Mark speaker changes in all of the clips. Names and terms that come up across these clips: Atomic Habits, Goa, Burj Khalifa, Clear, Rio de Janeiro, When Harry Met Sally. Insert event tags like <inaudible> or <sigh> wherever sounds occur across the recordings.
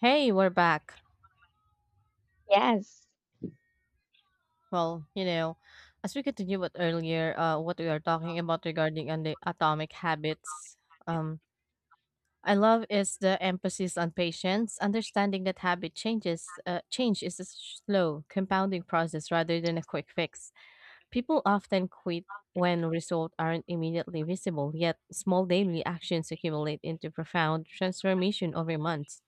Speaker 1: Hey, we're back.
Speaker 2: Yes.
Speaker 1: Well, you know, as we continue with earlier, what we are talking about regarding on the atomic habits, um, I love is the emphasis on patience, understanding that habit changes, change is a slow, compounding process rather than a quick fix. People often quit when results aren't immediately visible, yet small daily actions accumulate into profound transformation over months.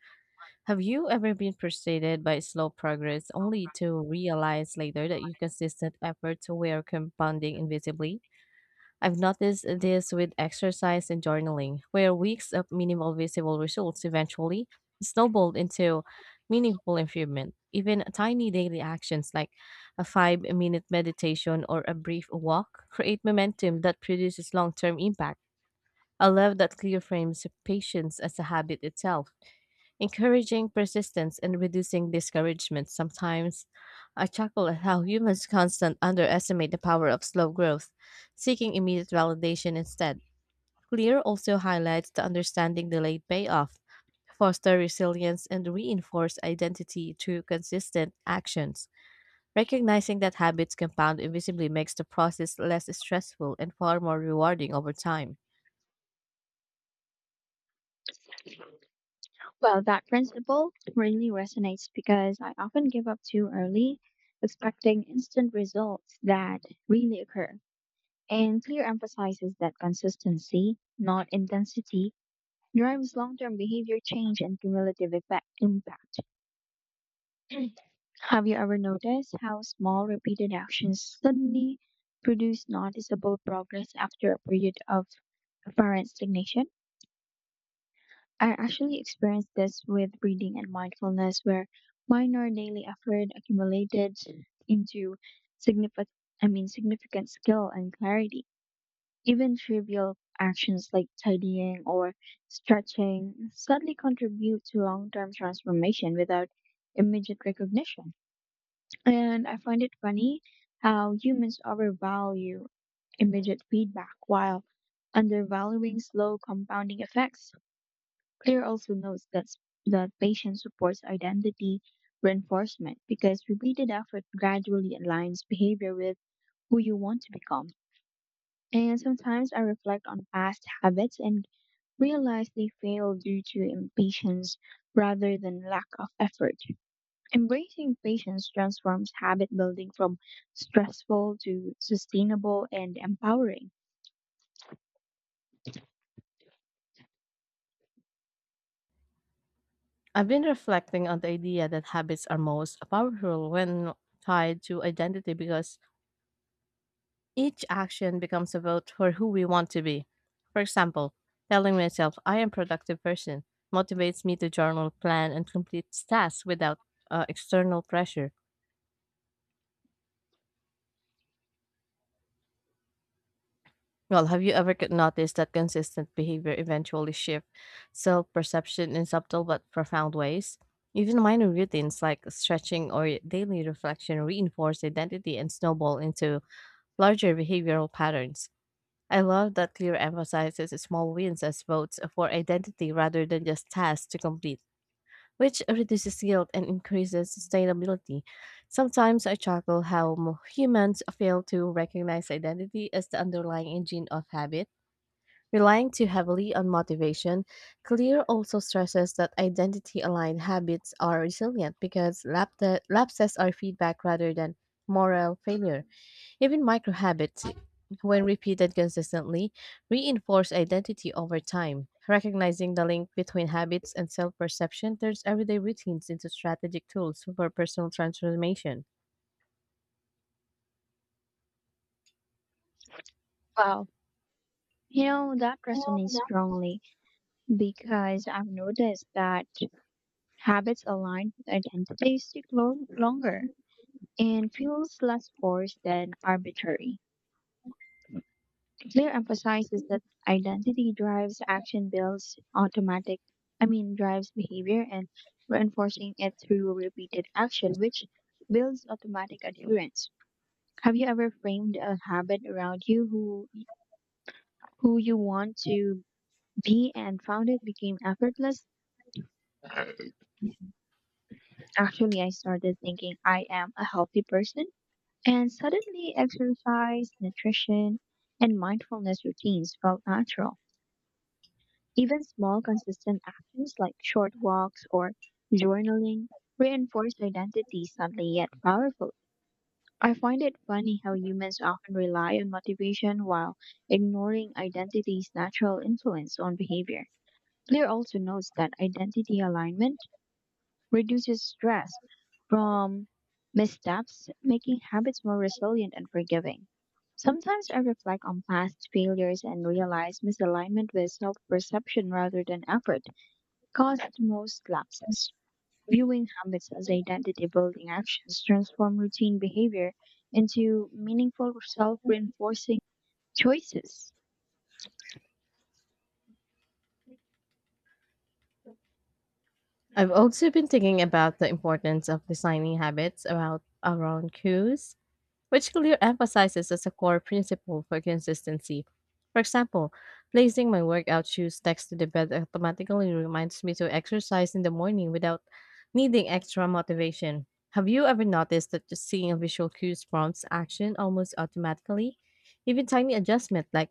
Speaker 1: Have you ever been frustrated by slow progress only to realize later that your consistent efforts were compounding invisibly? I've noticed this with exercise and journaling, where weeks of minimal visible results eventually snowballed into meaningful improvement. Even tiny daily actions like a 5 minute meditation or a brief walk create momentum that produces long term impact. I love that clear frames patience as a habit itself, encouraging persistence and reducing discouragement sometimes. I chuckle at how humans constant underestimate the power of slow growth, seeking immediate validation instead. Clear also highlights the understanding delayed payoff, foster resilience, and reinforce identity through consistent actions. Recognizing that habits compound invisibly makes the process less stressful and far more rewarding over time.
Speaker 2: Well, that principle really resonates because I often give up too early, expecting instant results that really occur. And clear emphasizes that consistency, not intensity, drives long-term behavior change and cumulative effect impact. <clears throat> Have you ever noticed how small repeated actions suddenly produce noticeable progress after a period of apparent stagnation? I actually experienced this with breathing and mindfulness, where minor daily effort accumulated into significant, significant skill and clarity. Even trivial actions like tidying or stretching subtly contribute to long-term transformation without immediate recognition. And I find it funny how humans overvalue immediate feedback while undervaluing slow compounding effects. Claire also notes that patient supports identity reinforcement because repeated effort gradually aligns behavior with who you want to become. And sometimes I reflect on past habits and realize they failed due to impatience rather than lack of effort. Embracing patience transforms habit building from stressful to sustainable and empowering.
Speaker 1: I've been reflecting on the idea that habits are most powerful when tied to identity, because each action becomes a vote for who we want to be. For example, telling myself I am a productive person motivates me to journal, plan, and complete tasks without external pressure. Well, have you ever noticed that consistent behavior eventually shifts self perception in subtle but profound ways? Even minor routines like stretching or daily reflection reinforce identity and snowball into larger behavioral patterns. I love that Clear emphasizes small wins as votes for identity rather than just tasks to complete, which reduces guilt and increases sustainability. Sometimes I chuckle how humans fail to recognize identity as the underlying engine of habit. Relying too heavily on motivation, Clear also stresses that identity aligned habits are resilient because lapses are feedback rather than moral failure. Even micro habits, when repeated consistently, reinforce identity over time. Recognizing the link between habits and self perception turns everyday routines into strategic tools for personal transformation.
Speaker 2: Wow. You know, that resonates strongly because I've noticed that habits aligned with identity stick longer and feels less forced than arbitrary. Clear emphasizes that identity drives action builds automatic, I mean, drives behavior and reinforcing it through repeated action, which builds automatic adherence. Have you ever framed a habit around you who you want to be and found it became effortless? Actually, I started thinking I am a healthy person, and suddenly, exercise, nutrition, and mindfulness routines felt natural. Even small, consistent actions like short walks or journaling reinforced identity subtly yet powerful. I find it funny how humans often rely on motivation while ignoring identity's natural influence on behavior. Clear also notes that identity alignment reduces stress from missteps, making habits more resilient and forgiving. Sometimes I reflect on past failures and realize misalignment with self perception rather than effort caused most lapses. Viewing habits as identity building actions transform routine behavior into meaningful self reinforcing choices.
Speaker 1: I've also been thinking about the importance of designing habits about around cues, which Clear emphasizes as a core principle for consistency. For example, placing my workout shoes next to the bed automatically reminds me to exercise in the morning without needing extra motivation. Have you ever noticed that just seeing a visual cue prompts action almost automatically? Even tiny adjustments, like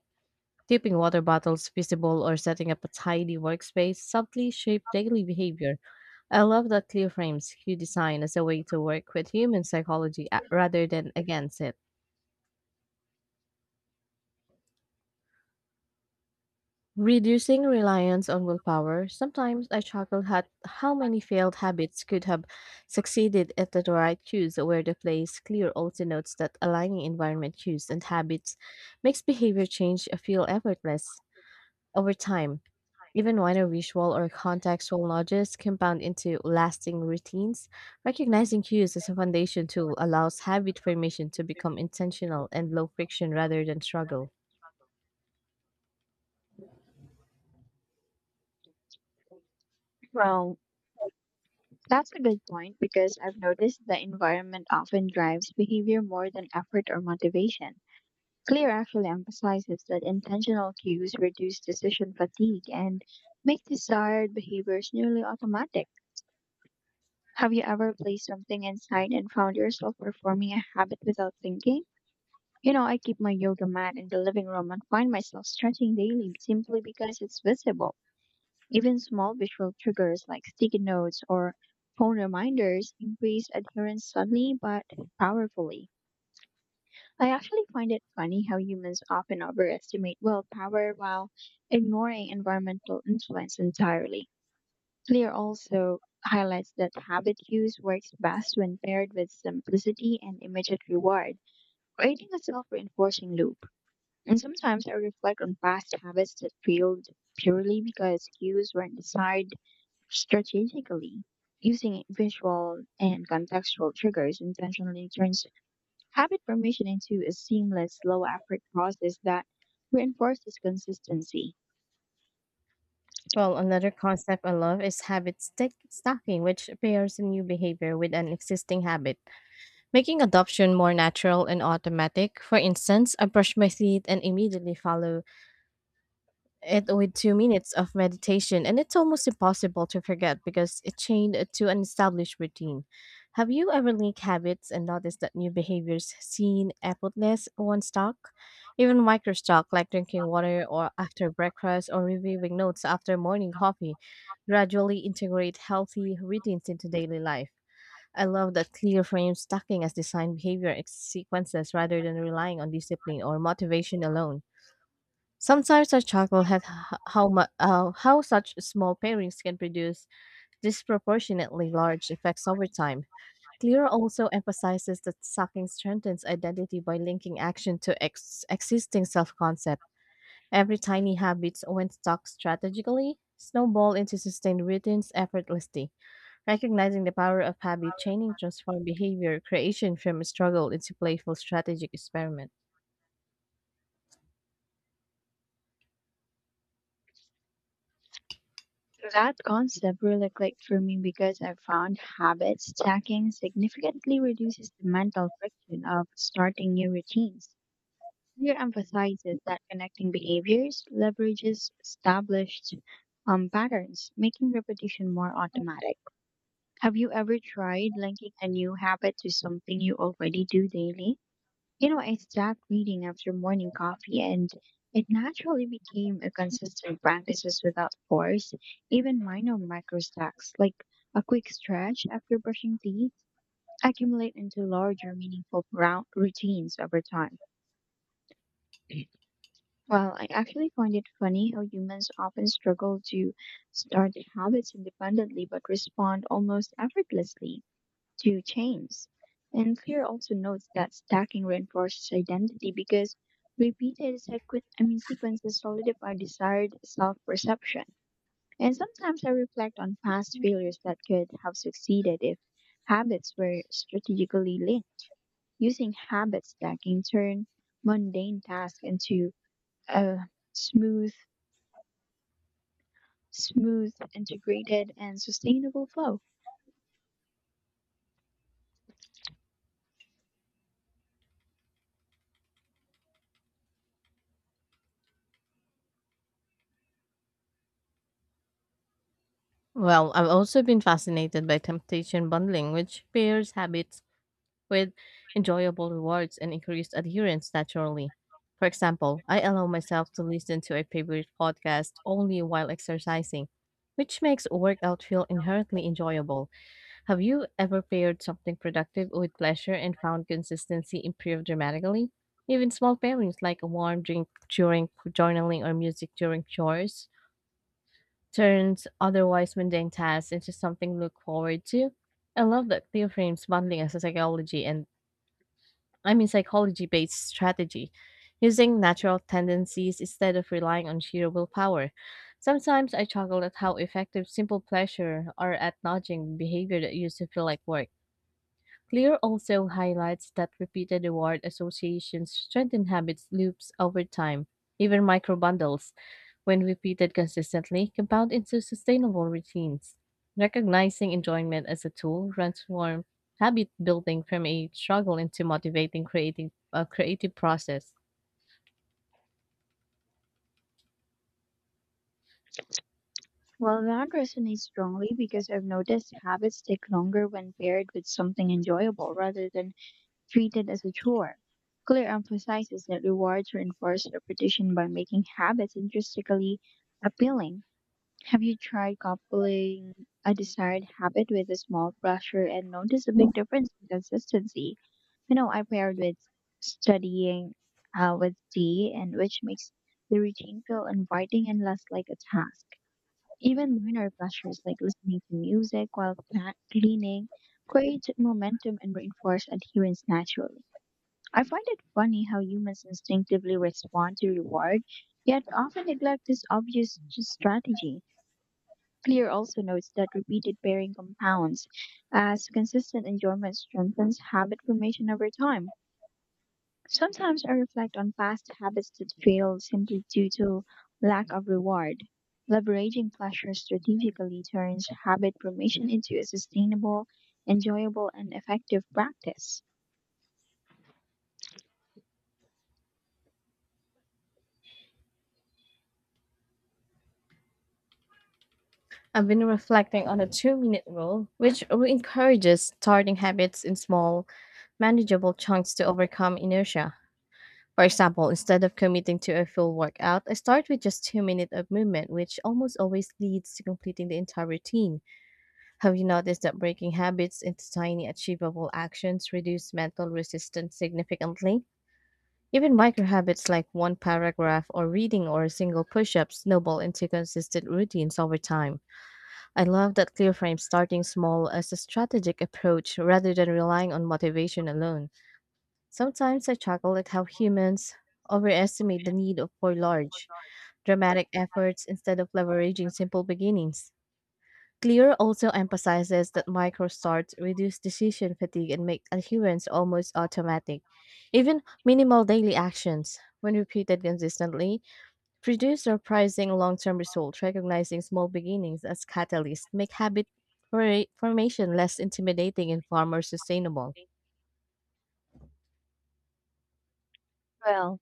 Speaker 1: keeping water bottles visible or setting up a tidy workspace, subtly shape daily behavior. I love that Clear frames cue design as a way to work with human psychology rather than against it, reducing reliance on willpower. Sometimes I chuckled at how many failed habits could have succeeded at the right cues, where the play's clear also notes that aligning environment cues and habits makes behavior change feel effortless over time. Even minor visual or contextual nudges compound into lasting routines. Recognizing cues as a foundation tool allows habit formation to become intentional and low friction rather than struggle.
Speaker 2: Well, that's a good point because I've noticed the environment often drives behavior more than effort or motivation. Clear actually emphasizes that intentional cues reduce decision fatigue and make desired behaviors nearly automatic. Have you ever placed something inside and found yourself performing a habit without thinking? You know, I keep my yoga mat in the living room and find myself stretching daily simply because it's visible. Even small visual triggers like sticky notes or phone reminders increase adherence subtly but powerfully. I actually find it funny how humans often overestimate willpower while ignoring environmental influence entirely. Clear also highlights that habit use works best when paired with simplicity and immediate reward, creating a self reinforcing loop. And sometimes I reflect on past habits that failed purely because cues weren't designed strategically. Using visual and contextual triggers intentionally turns habit formation into a seamless, low effort process that reinforces consistency.
Speaker 1: Well, another concept I love is habit stick stacking, which pairs a new behavior with an existing habit, making adoption more natural and automatic. For instance, I brush my teeth and immediately follow it with 2 minutes of meditation, and it's almost impossible to forget because it's chained to an established routine. Have you ever linked habits and noticed that new behaviors seem effortless once stuck? Even micro stuck, like drinking water or after breakfast or reviewing notes after morning coffee, gradually integrate healthy routines into daily life. I love that clear frame stacking as design behavior sequences rather than relying on discipline or motivation alone. Sometimes I chuckle at how such small pairings can produce disproportionately large effects over time. Clear also emphasizes that sucking strengthens identity by linking action to existing self-concept. Every tiny habit, when stuck strategically, snowball into sustained routines effortlessly. Recognizing the power of habit chaining transform behavior creation from a struggle into playful strategic experiment.
Speaker 2: That concept really clicked for me because I found habit stacking significantly reduces the mental friction of starting new routines. Here emphasizes that connecting behaviors leverages established patterns, making repetition more automatic. Have you ever tried linking a new habit to something you already do daily? You know, I stopped reading after morning coffee and it naturally became a consistent practice without force, even minor micro stacks, like a quick stretch after brushing teeth, accumulate into larger meaningful routines over time. Well, I actually find it funny how humans often struggle to start habits independently but respond almost effortlessly to chains. And Clear also notes that stacking reinforces identity because repeated sequ- I mean, sequences solidify desired self perception. And sometimes I reflect on past failures that could have succeeded if habits were strategically linked. Using habit stacking turn mundane tasks into a smooth, smooth, integrated, and sustainable flow.
Speaker 1: Well, I've also been fascinated by temptation bundling, which pairs habits with enjoyable rewards and increased adherence naturally. For example, I allow myself to listen to a favorite podcast only while exercising, which makes a workout feel inherently enjoyable. Have you ever paired something productive with pleasure and found consistency improve dramatically? Even small pairings like a warm drink during journaling or music during chores turns otherwise mundane tasks into something to look forward to. I love that Theo frames bundling as a psychology and psychology based strategy, using natural tendencies instead of relying on sheer willpower. Sometimes I chuckle at how effective simple pleasure are at nudging behavior that used to feel like work. Clear also highlights that repeated reward associations strengthen habits loops over time. Even micro bundles, when repeated consistently, compound into sustainable routines. Recognizing enjoyment as a tool transforms habit building from a struggle into a creative process.
Speaker 2: Well, that resonates strongly because I've noticed habits stick longer when paired with something enjoyable rather than treated as a chore. Clear emphasizes that rewards reinforce repetition by making habits intrinsically appealing. Have you tried coupling a desired habit with a small pressure and noticed a big difference in consistency? You know, I paired with studying with tea, and which makes the routine feel inviting and less like a task. Even minor pleasures like listening to music while cleaning create momentum and reinforce adherence naturally. I find it funny how humans instinctively respond to reward, yet often neglect this obvious strategy. Clear also notes that repeated pairing compounds, as consistent enjoyment strengthens habit formation over time. Sometimes I reflect on past habits that failed simply due to lack of reward. Leveraging pleasure strategically turns habit formation into a sustainable, enjoyable, and effective practice.
Speaker 1: I've been reflecting on a 2 minute rule, which encourages starting habits in small, manageable chunks to overcome inertia. For example, instead of committing to a full workout, I start with just 2 minutes of movement, which almost always leads to completing the entire routine. Have you noticed that breaking habits into tiny, achievable actions reduce mental resistance significantly? Even micro habits like one paragraph or reading or a single push up snowball into consistent routines over time. I love that clear frame starting small as a strategic approach rather than relying on motivation alone. Sometimes I chuckle at how humans overestimate the for large, dramatic efforts instead of leveraging simple beginnings. Clear also emphasizes that micro starts reduce decision fatigue and make adherence almost automatic. Even minimal daily actions, when repeated consistently, produce surprising long term results. Recognizing small beginnings as catalysts make habit formation less intimidating and far more sustainable.
Speaker 2: Well,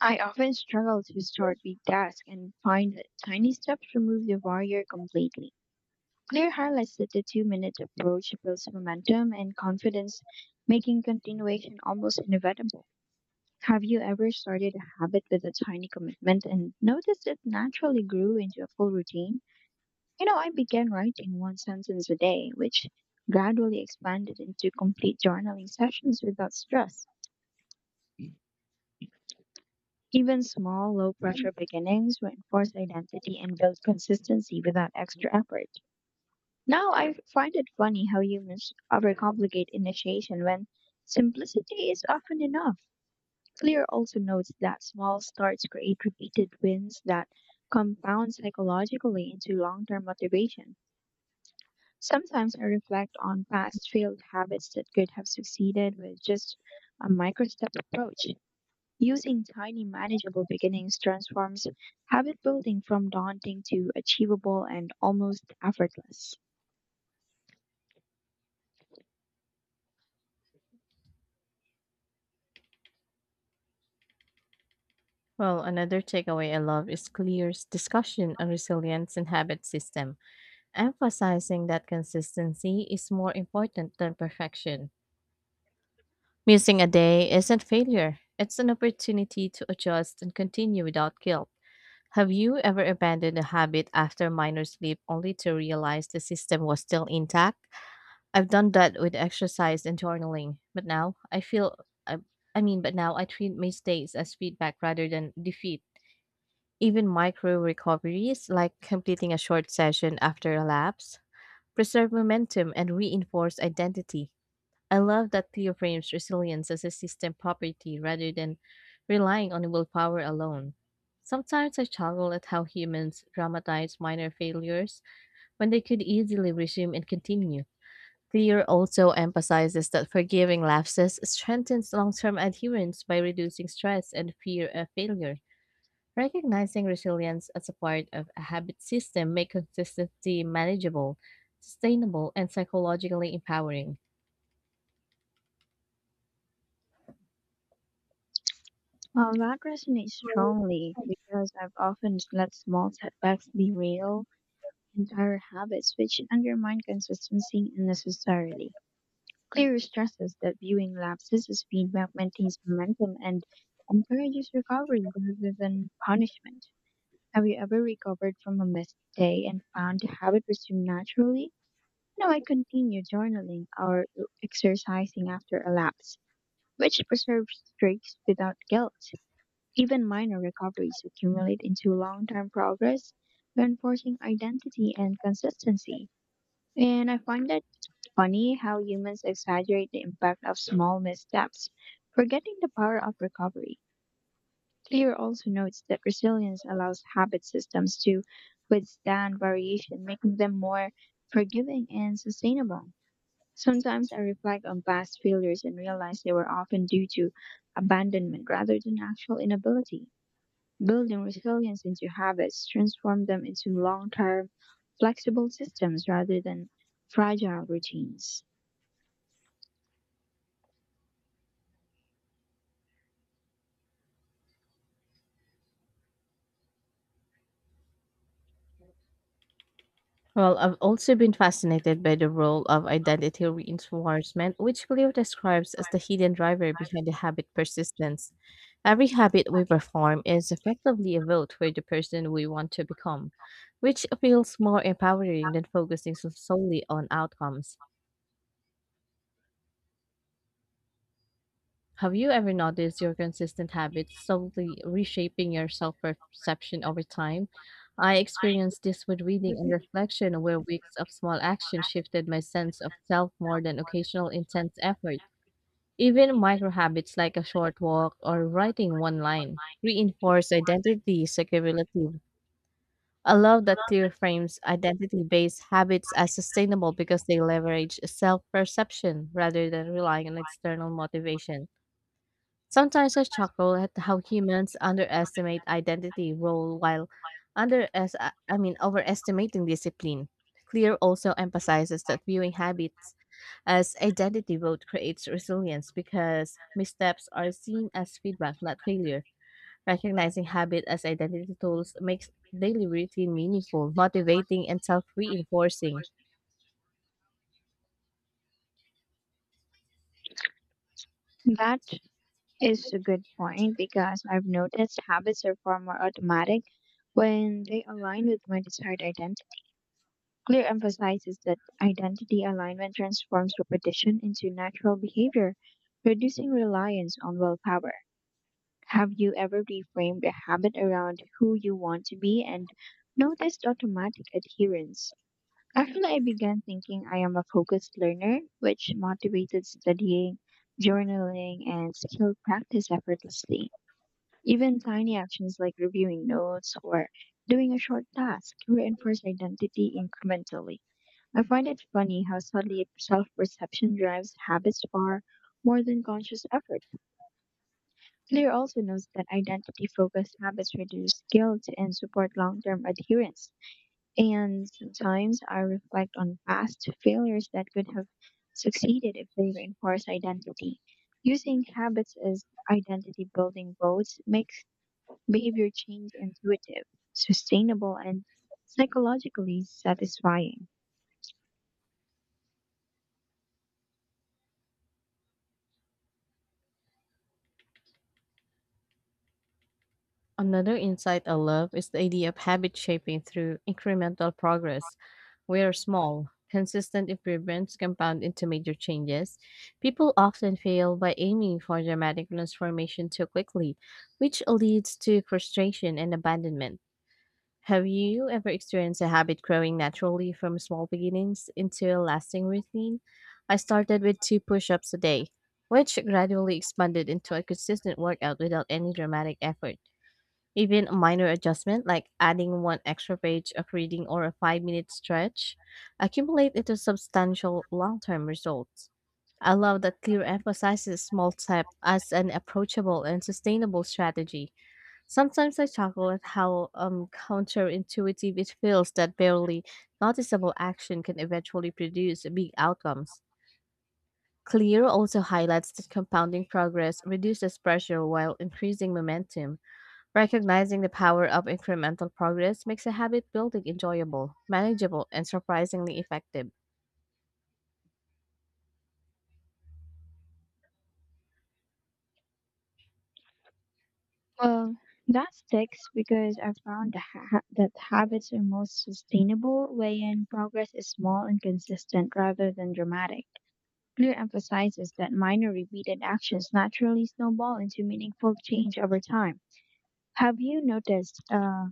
Speaker 2: I often struggle to start big tasks and find that tiny steps remove the barrier completely. Clear highlights that the 2 minute approach builds momentum and confidence, making continuation almost inevitable. Have you ever started a habit with a tiny commitment and noticed it naturally grew into a full routine? You know, I began writing one sentence a day, which gradually expanded into complete journaling sessions without stress. Even small, low pressure beginnings reinforce identity and build consistency without extra effort. Now, I find it funny how humans overcomplicate initiation when simplicity is often enough. Clear also notes that small starts create repeated wins that compound psychologically into long term motivation. Sometimes I reflect on past failed habits that could have succeeded with just a micro step approach. Using tiny, manageable beginnings transforms habit building from daunting to achievable and almost effortless.
Speaker 1: Well, another takeaway I love is Clear's discussion on resilience and habit system, emphasizing that consistency is more important than perfection. Missing a day isn't failure, it's an opportunity to adjust and continue without guilt. Have you ever abandoned a habit after minor sleep only to realize the system was still intact? I've done that with exercise and journaling, but now I feel I, but now I treat mistakes as feedback rather than defeat. Even micro recoveries, like completing a short session after a lapse, preserve momentum and reinforce identity. I love that Theo frames resilience as a system property rather than relying on willpower alone. Sometimes I struggle at how humans dramatize minor failures when they could easily resume and continue. Clear also emphasizes that forgiving lapses strengthens long term adherence by reducing stress and fear of failure. Recognizing resilience as a part of a habit system makes consistency manageable, sustainable, and psychologically empowering.
Speaker 2: Well, that resonates strongly because I've often let small setbacks be real entire habits, which undermine consistency unnecessarily. Clear stresses that viewing lapses as feedback maintains momentum and encourages recovery rather than punishment. Have you ever recovered from a missed day and found the habit resumed naturally? No, I continue journaling or exercising after a lapse, which preserves streaks without guilt. Even minor recoveries accumulate into long term progress, reinforcing identity and consistency. And I find that funny how humans exaggerate the impact of small missteps, forgetting the power of recovery. Clear also notes that resilience allows habit systems to withstand variation, making them more forgiving and sustainable. Sometimes I reflect on past failures and realize they were often due to abandonment rather than actual inability. Building resilience into habits transform them into long term, flexible systems rather than fragile routines.
Speaker 1: Well, I've also been fascinated by the role of identity reinforcement, which Cleo describes as the hidden driver behind the habit persistence. Every habit we perform is effectively a vote for the person we want to become, which feels more empowering than focusing solely on outcomes. Have you ever noticed your consistent habits slowly reshaping your self perception over time? I experienced this with reading and reflection, where weeks of small action shifted my sense of self more than occasional intense effort. Even micro habits like a short walk or writing one line reinforce identity is cumulative. I love that Clear frames identity based habits as sustainable because they leverage self perception rather than relying on external motivation. Sometimes I chuckle at how humans underestimate identity role while under I mean overestimating discipline. Clear also emphasizes that viewing habits as identity vote creates resilience because missteps are seen as feedback, not failure. Recognizing habit as identity tools makes daily routine meaningful, motivating, and self-reinforcing.
Speaker 2: That is a good point because I've noticed habits are far more automatic when they align with my desired identity. Clear emphasizes that identity alignment transforms repetition into natural behavior, reducing reliance on willpower. Have you ever reframed a habit around who you want to be and noticed automatic adherence? Actually, I began thinking I am a focused learner, which motivated studying, journaling, and skill practice effortlessly. Even tiny actions like reviewing notes or doing a short task reinforce identity incrementally. I find it funny how subtly self perception drives habits far more than conscious effort. Clear also notes that identity focused habits reduce guilt and support long term adherence. And sometimes I reflect on past failures that could have succeeded if they reinforce identity. Using habits as identity building votes makes behavior change intuitive, sustainable, and psychologically satisfying.
Speaker 1: Another insight I love is the idea of habit shaping through incremental progress, where small, consistent improvements compound into major changes. People often fail by aiming for dramatic transformation too quickly, which leads to frustration and abandonment. Have you ever experienced a habit growing naturally from small beginnings into a lasting routine? I started with two push ups a day, which gradually expanded into a consistent workout without any dramatic effort. Even a minor adjustment, like adding one extra page of reading or a 5 minute stretch, accumulate into substantial long term results. I love that Clear emphasizes small step as an approachable and sustainable strategy. Sometimes I chuckle at how counterintuitive it feels that barely noticeable action can eventually produce big outcomes. Clear also highlights that compounding progress reduces pressure while increasing momentum. Recognizing the power of incremental progress makes a habit building enjoyable, manageable, and surprisingly effective.
Speaker 2: Well, that sticks because I found that habits are most sustainable when progress is small and consistent rather than dramatic. Clear emphasizes that minor repeated actions naturally snowball into meaningful change over time. Have you noticed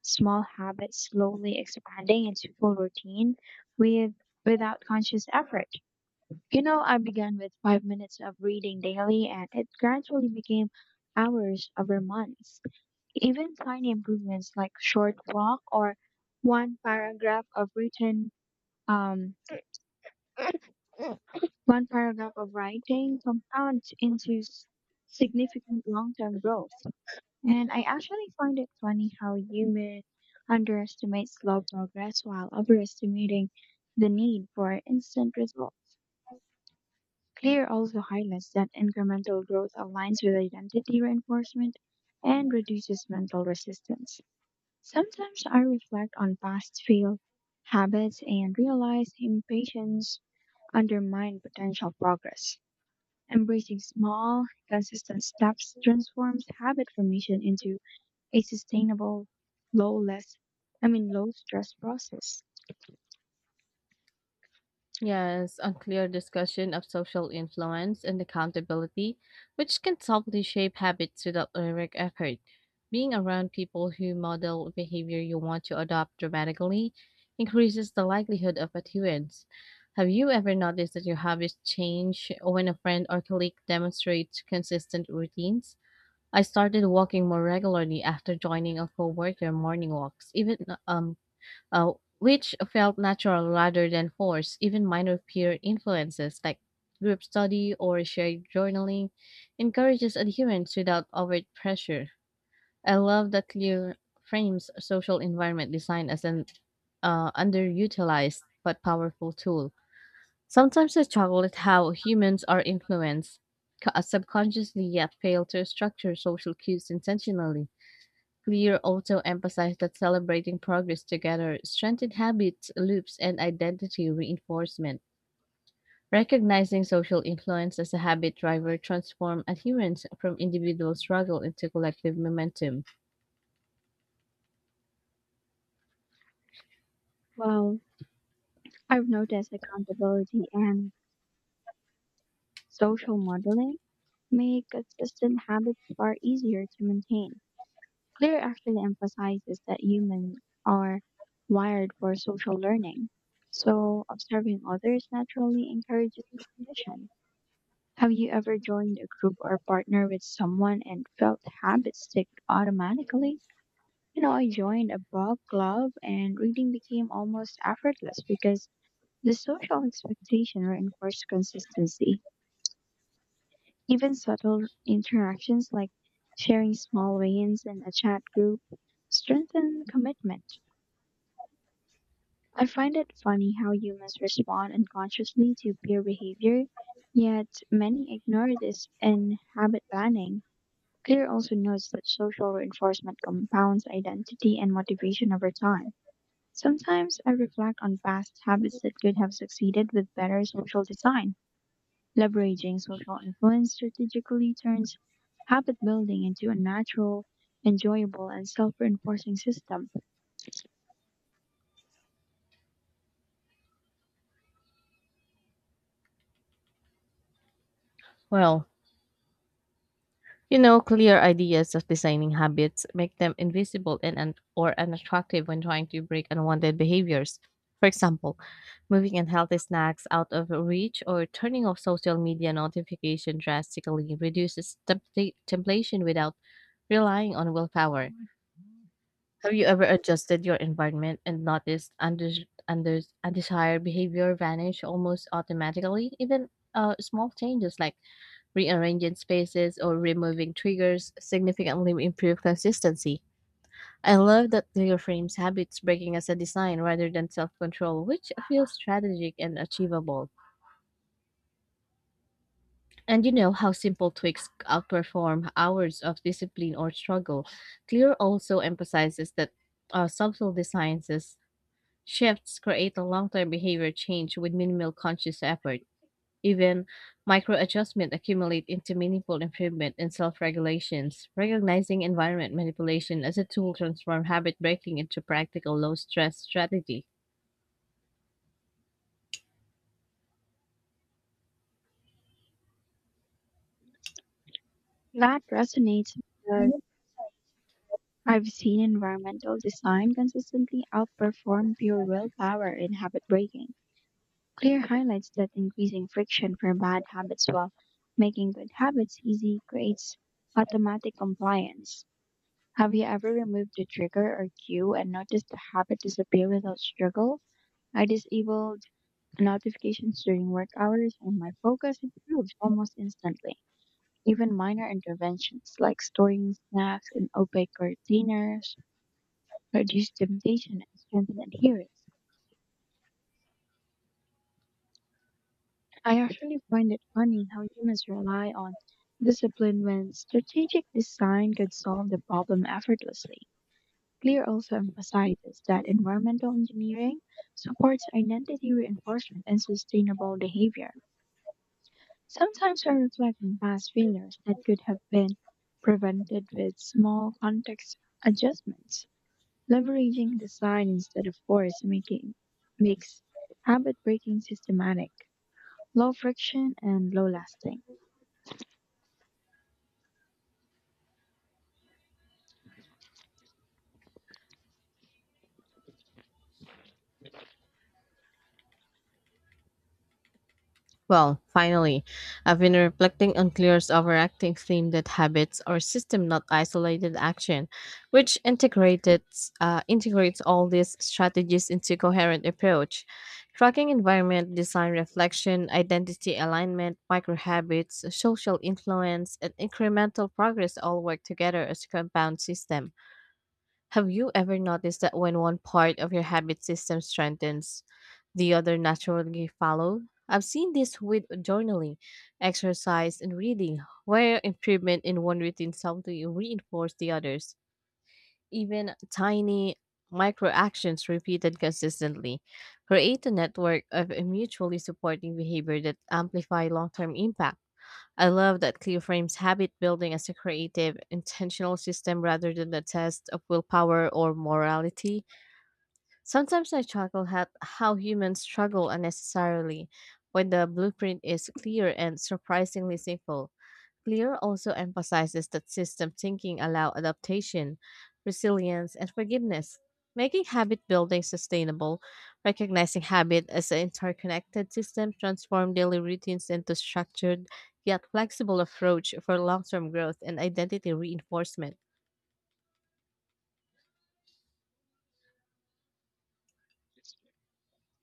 Speaker 2: small habits slowly expanding into full routine with without conscious effort? You know, I began with 5 minutes of reading daily and it gradually became hours over months. Even tiny improvements like short walk or one paragraph of written um, one paragraph of writing compound into significant long-term growth. And I actually find it funny how humans underestimate slow progress while overestimating the need for instant results. Clear also highlights that incremental growth aligns with identity reinforcement and reduces mental resistance. Sometimes I reflect on past failed habits and realize impatience undermines potential progress. Embracing small, consistent steps transforms habit formation into a sustainable, low-less, low-stress process.
Speaker 1: Yes, unclear discussion of social influence and accountability, which can subtly shape habits without direct effort. Being around people who model behavior you want to adopt dramatically increases the likelihood of adherence. Have you ever noticed that your habits change when a friend or colleague demonstrates consistent routines? I started walking more regularly after joining a coworker morning walks, even um, uh, which felt natural rather than forced. Even minor peer influences like group study or shared journaling encourages adherence without overt pressure. I love that Clear frames social environment design as an underutilized but powerful tool. Sometimes I struggle at how humans are influenced subconsciously yet fail to structure social cues intentionally. Clear also emphasized that celebrating progress together strengthened habits, loops, and identity reinforcement. Recognizing social influence as a habit driver transform adherence from individual struggle into collective momentum.
Speaker 2: Well, I've noticed accountability and social modeling make consistent habits far easier to maintain. Clear actually emphasizes that humans are wired for social learning, so observing others naturally encourages repetition. Have you ever joined a group or partner with someone and felt habits stick automatically? You know, I joined a book club and reading became almost effortless because the social expectation reinforced consistency. Even subtle interactions like sharing small wins in a chat group strengthen commitment. I find it funny how humans respond unconsciously to peer behavior, yet many ignore this in habit planning. Clear also notes that social reinforcement compounds identity and motivation over time. Sometimes I reflect on past habits that could have succeeded with better social design. Leveraging social influence strategically turns habit building into a natural, enjoyable, and self reinforcing system.
Speaker 1: Well, you know, clear ideas of designing habits make them invisible and or unattractive when trying to break unwanted behaviors. For example, moving unhealthy snacks out of reach or turning off social media notification drastically reduces temptation without relying on willpower. Have you ever adjusted your environment and noticed undesired behavior vanish almost automatically? Even small changes like rearranging spaces or removing triggers significantly improve consistency. I love that Lego frames habits breaking as a design rather than self-control, which feels strategic and achievable. And you know how simple tweaks outperform hours of discipline or struggle. Clear also emphasizes that subtle designs as shifts create a long-term behavior change with minimal conscious effort. Even micro adjustments accumulate into meaningful improvement in self regulations. Recognizing environment manipulation as a tool transforms habit breaking into practical low stress strategy.
Speaker 2: That resonates because I've seen environmental design consistently outperform pure willpower in habit breaking. Clear highlights that increasing friction for bad habits while making good habits easy creates automatic compliance. Have you ever removed the trigger or cue and noticed the habit disappear without struggle? I disabled notifications during work hours and my focus improved almost instantly. Even minor interventions like storing snacks in opaque containers reduce temptation and strengthen adherence. I actually find it funny how humans rely on discipline when strategic design could solve the problem effortlessly. Clear also emphasizes that environmental engineering supports identity reinforcement and sustainable behavior. Sometimes I reflect on past failures that could have been prevented with small context adjustments. Leveraging design instead of force making makes habit breaking systematic, low friction and low lasting.
Speaker 1: Well, finally, I've been reflecting on Clear's overacting theme that habits are system, not isolated action, which integrates all these strategies into coherent approach. Tracking environment, design reflection, identity alignment, micro habits, social influence, and incremental progress all work together as a compound system. Have you ever noticed that when one part of your habit system strengthens, the other naturally follow? I've seen this with journaling, exercise, and reading, where improvement in one routine subtly reinforce the others. Even tiny micro actions repeated consistently create a network of mutually supporting behavior that amplify long-term impact. I love that Clio frames habit building as a creative, intentional system rather than the test of willpower or morality. Sometimes I chuckle at how humans struggle unnecessarily when the blueprint is clear and surprisingly simple. Clear also emphasizes that system thinking allow adaptation, resilience, and forgiveness, making habit building sustainable. Recognizing habit as an interconnected system transforms daily routines into structured yet flexible approach for long-term growth and identity reinforcement.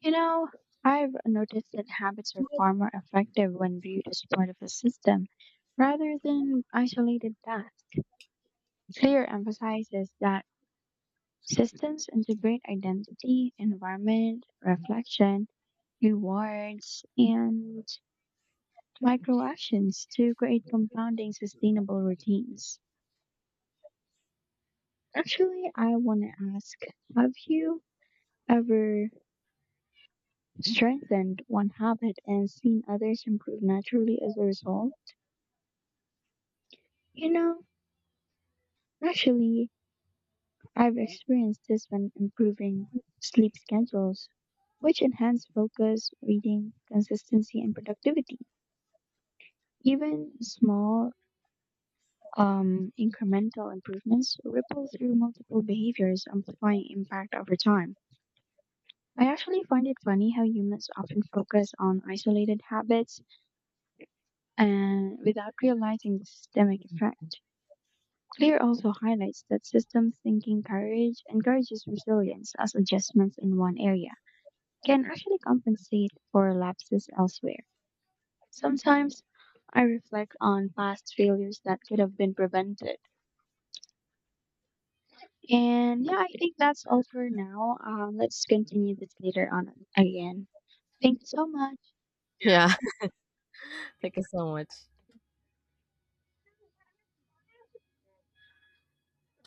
Speaker 2: You know, I've noticed that habits are far more effective when viewed as part of a system rather than isolated tasks. Clear emphasizes that systems integrate identity, environment, reflection, rewards, and micro actions to create compounding sustainable routines. Actually, I want to ask, have you ever strengthened one habit and seen others improve naturally as a result? You know, actually, I've experienced this when improving sleep schedules, which enhance focus, reading, consistency, and productivity. Even small, incremental improvements ripple through multiple behaviors, amplifying impact over time. I actually find it funny how humans often focus on isolated habits and without realizing the systemic effect. Clear also highlights that system thinking courage encourages resilience as adjustments in one area can actually compensate for lapses elsewhere. Sometimes I reflect on past failures that could have been prevented. And yeah, I think that's all for now. Let's continue this later on again. Thank you so much.
Speaker 1: Yeah, <laughs> thank you so much.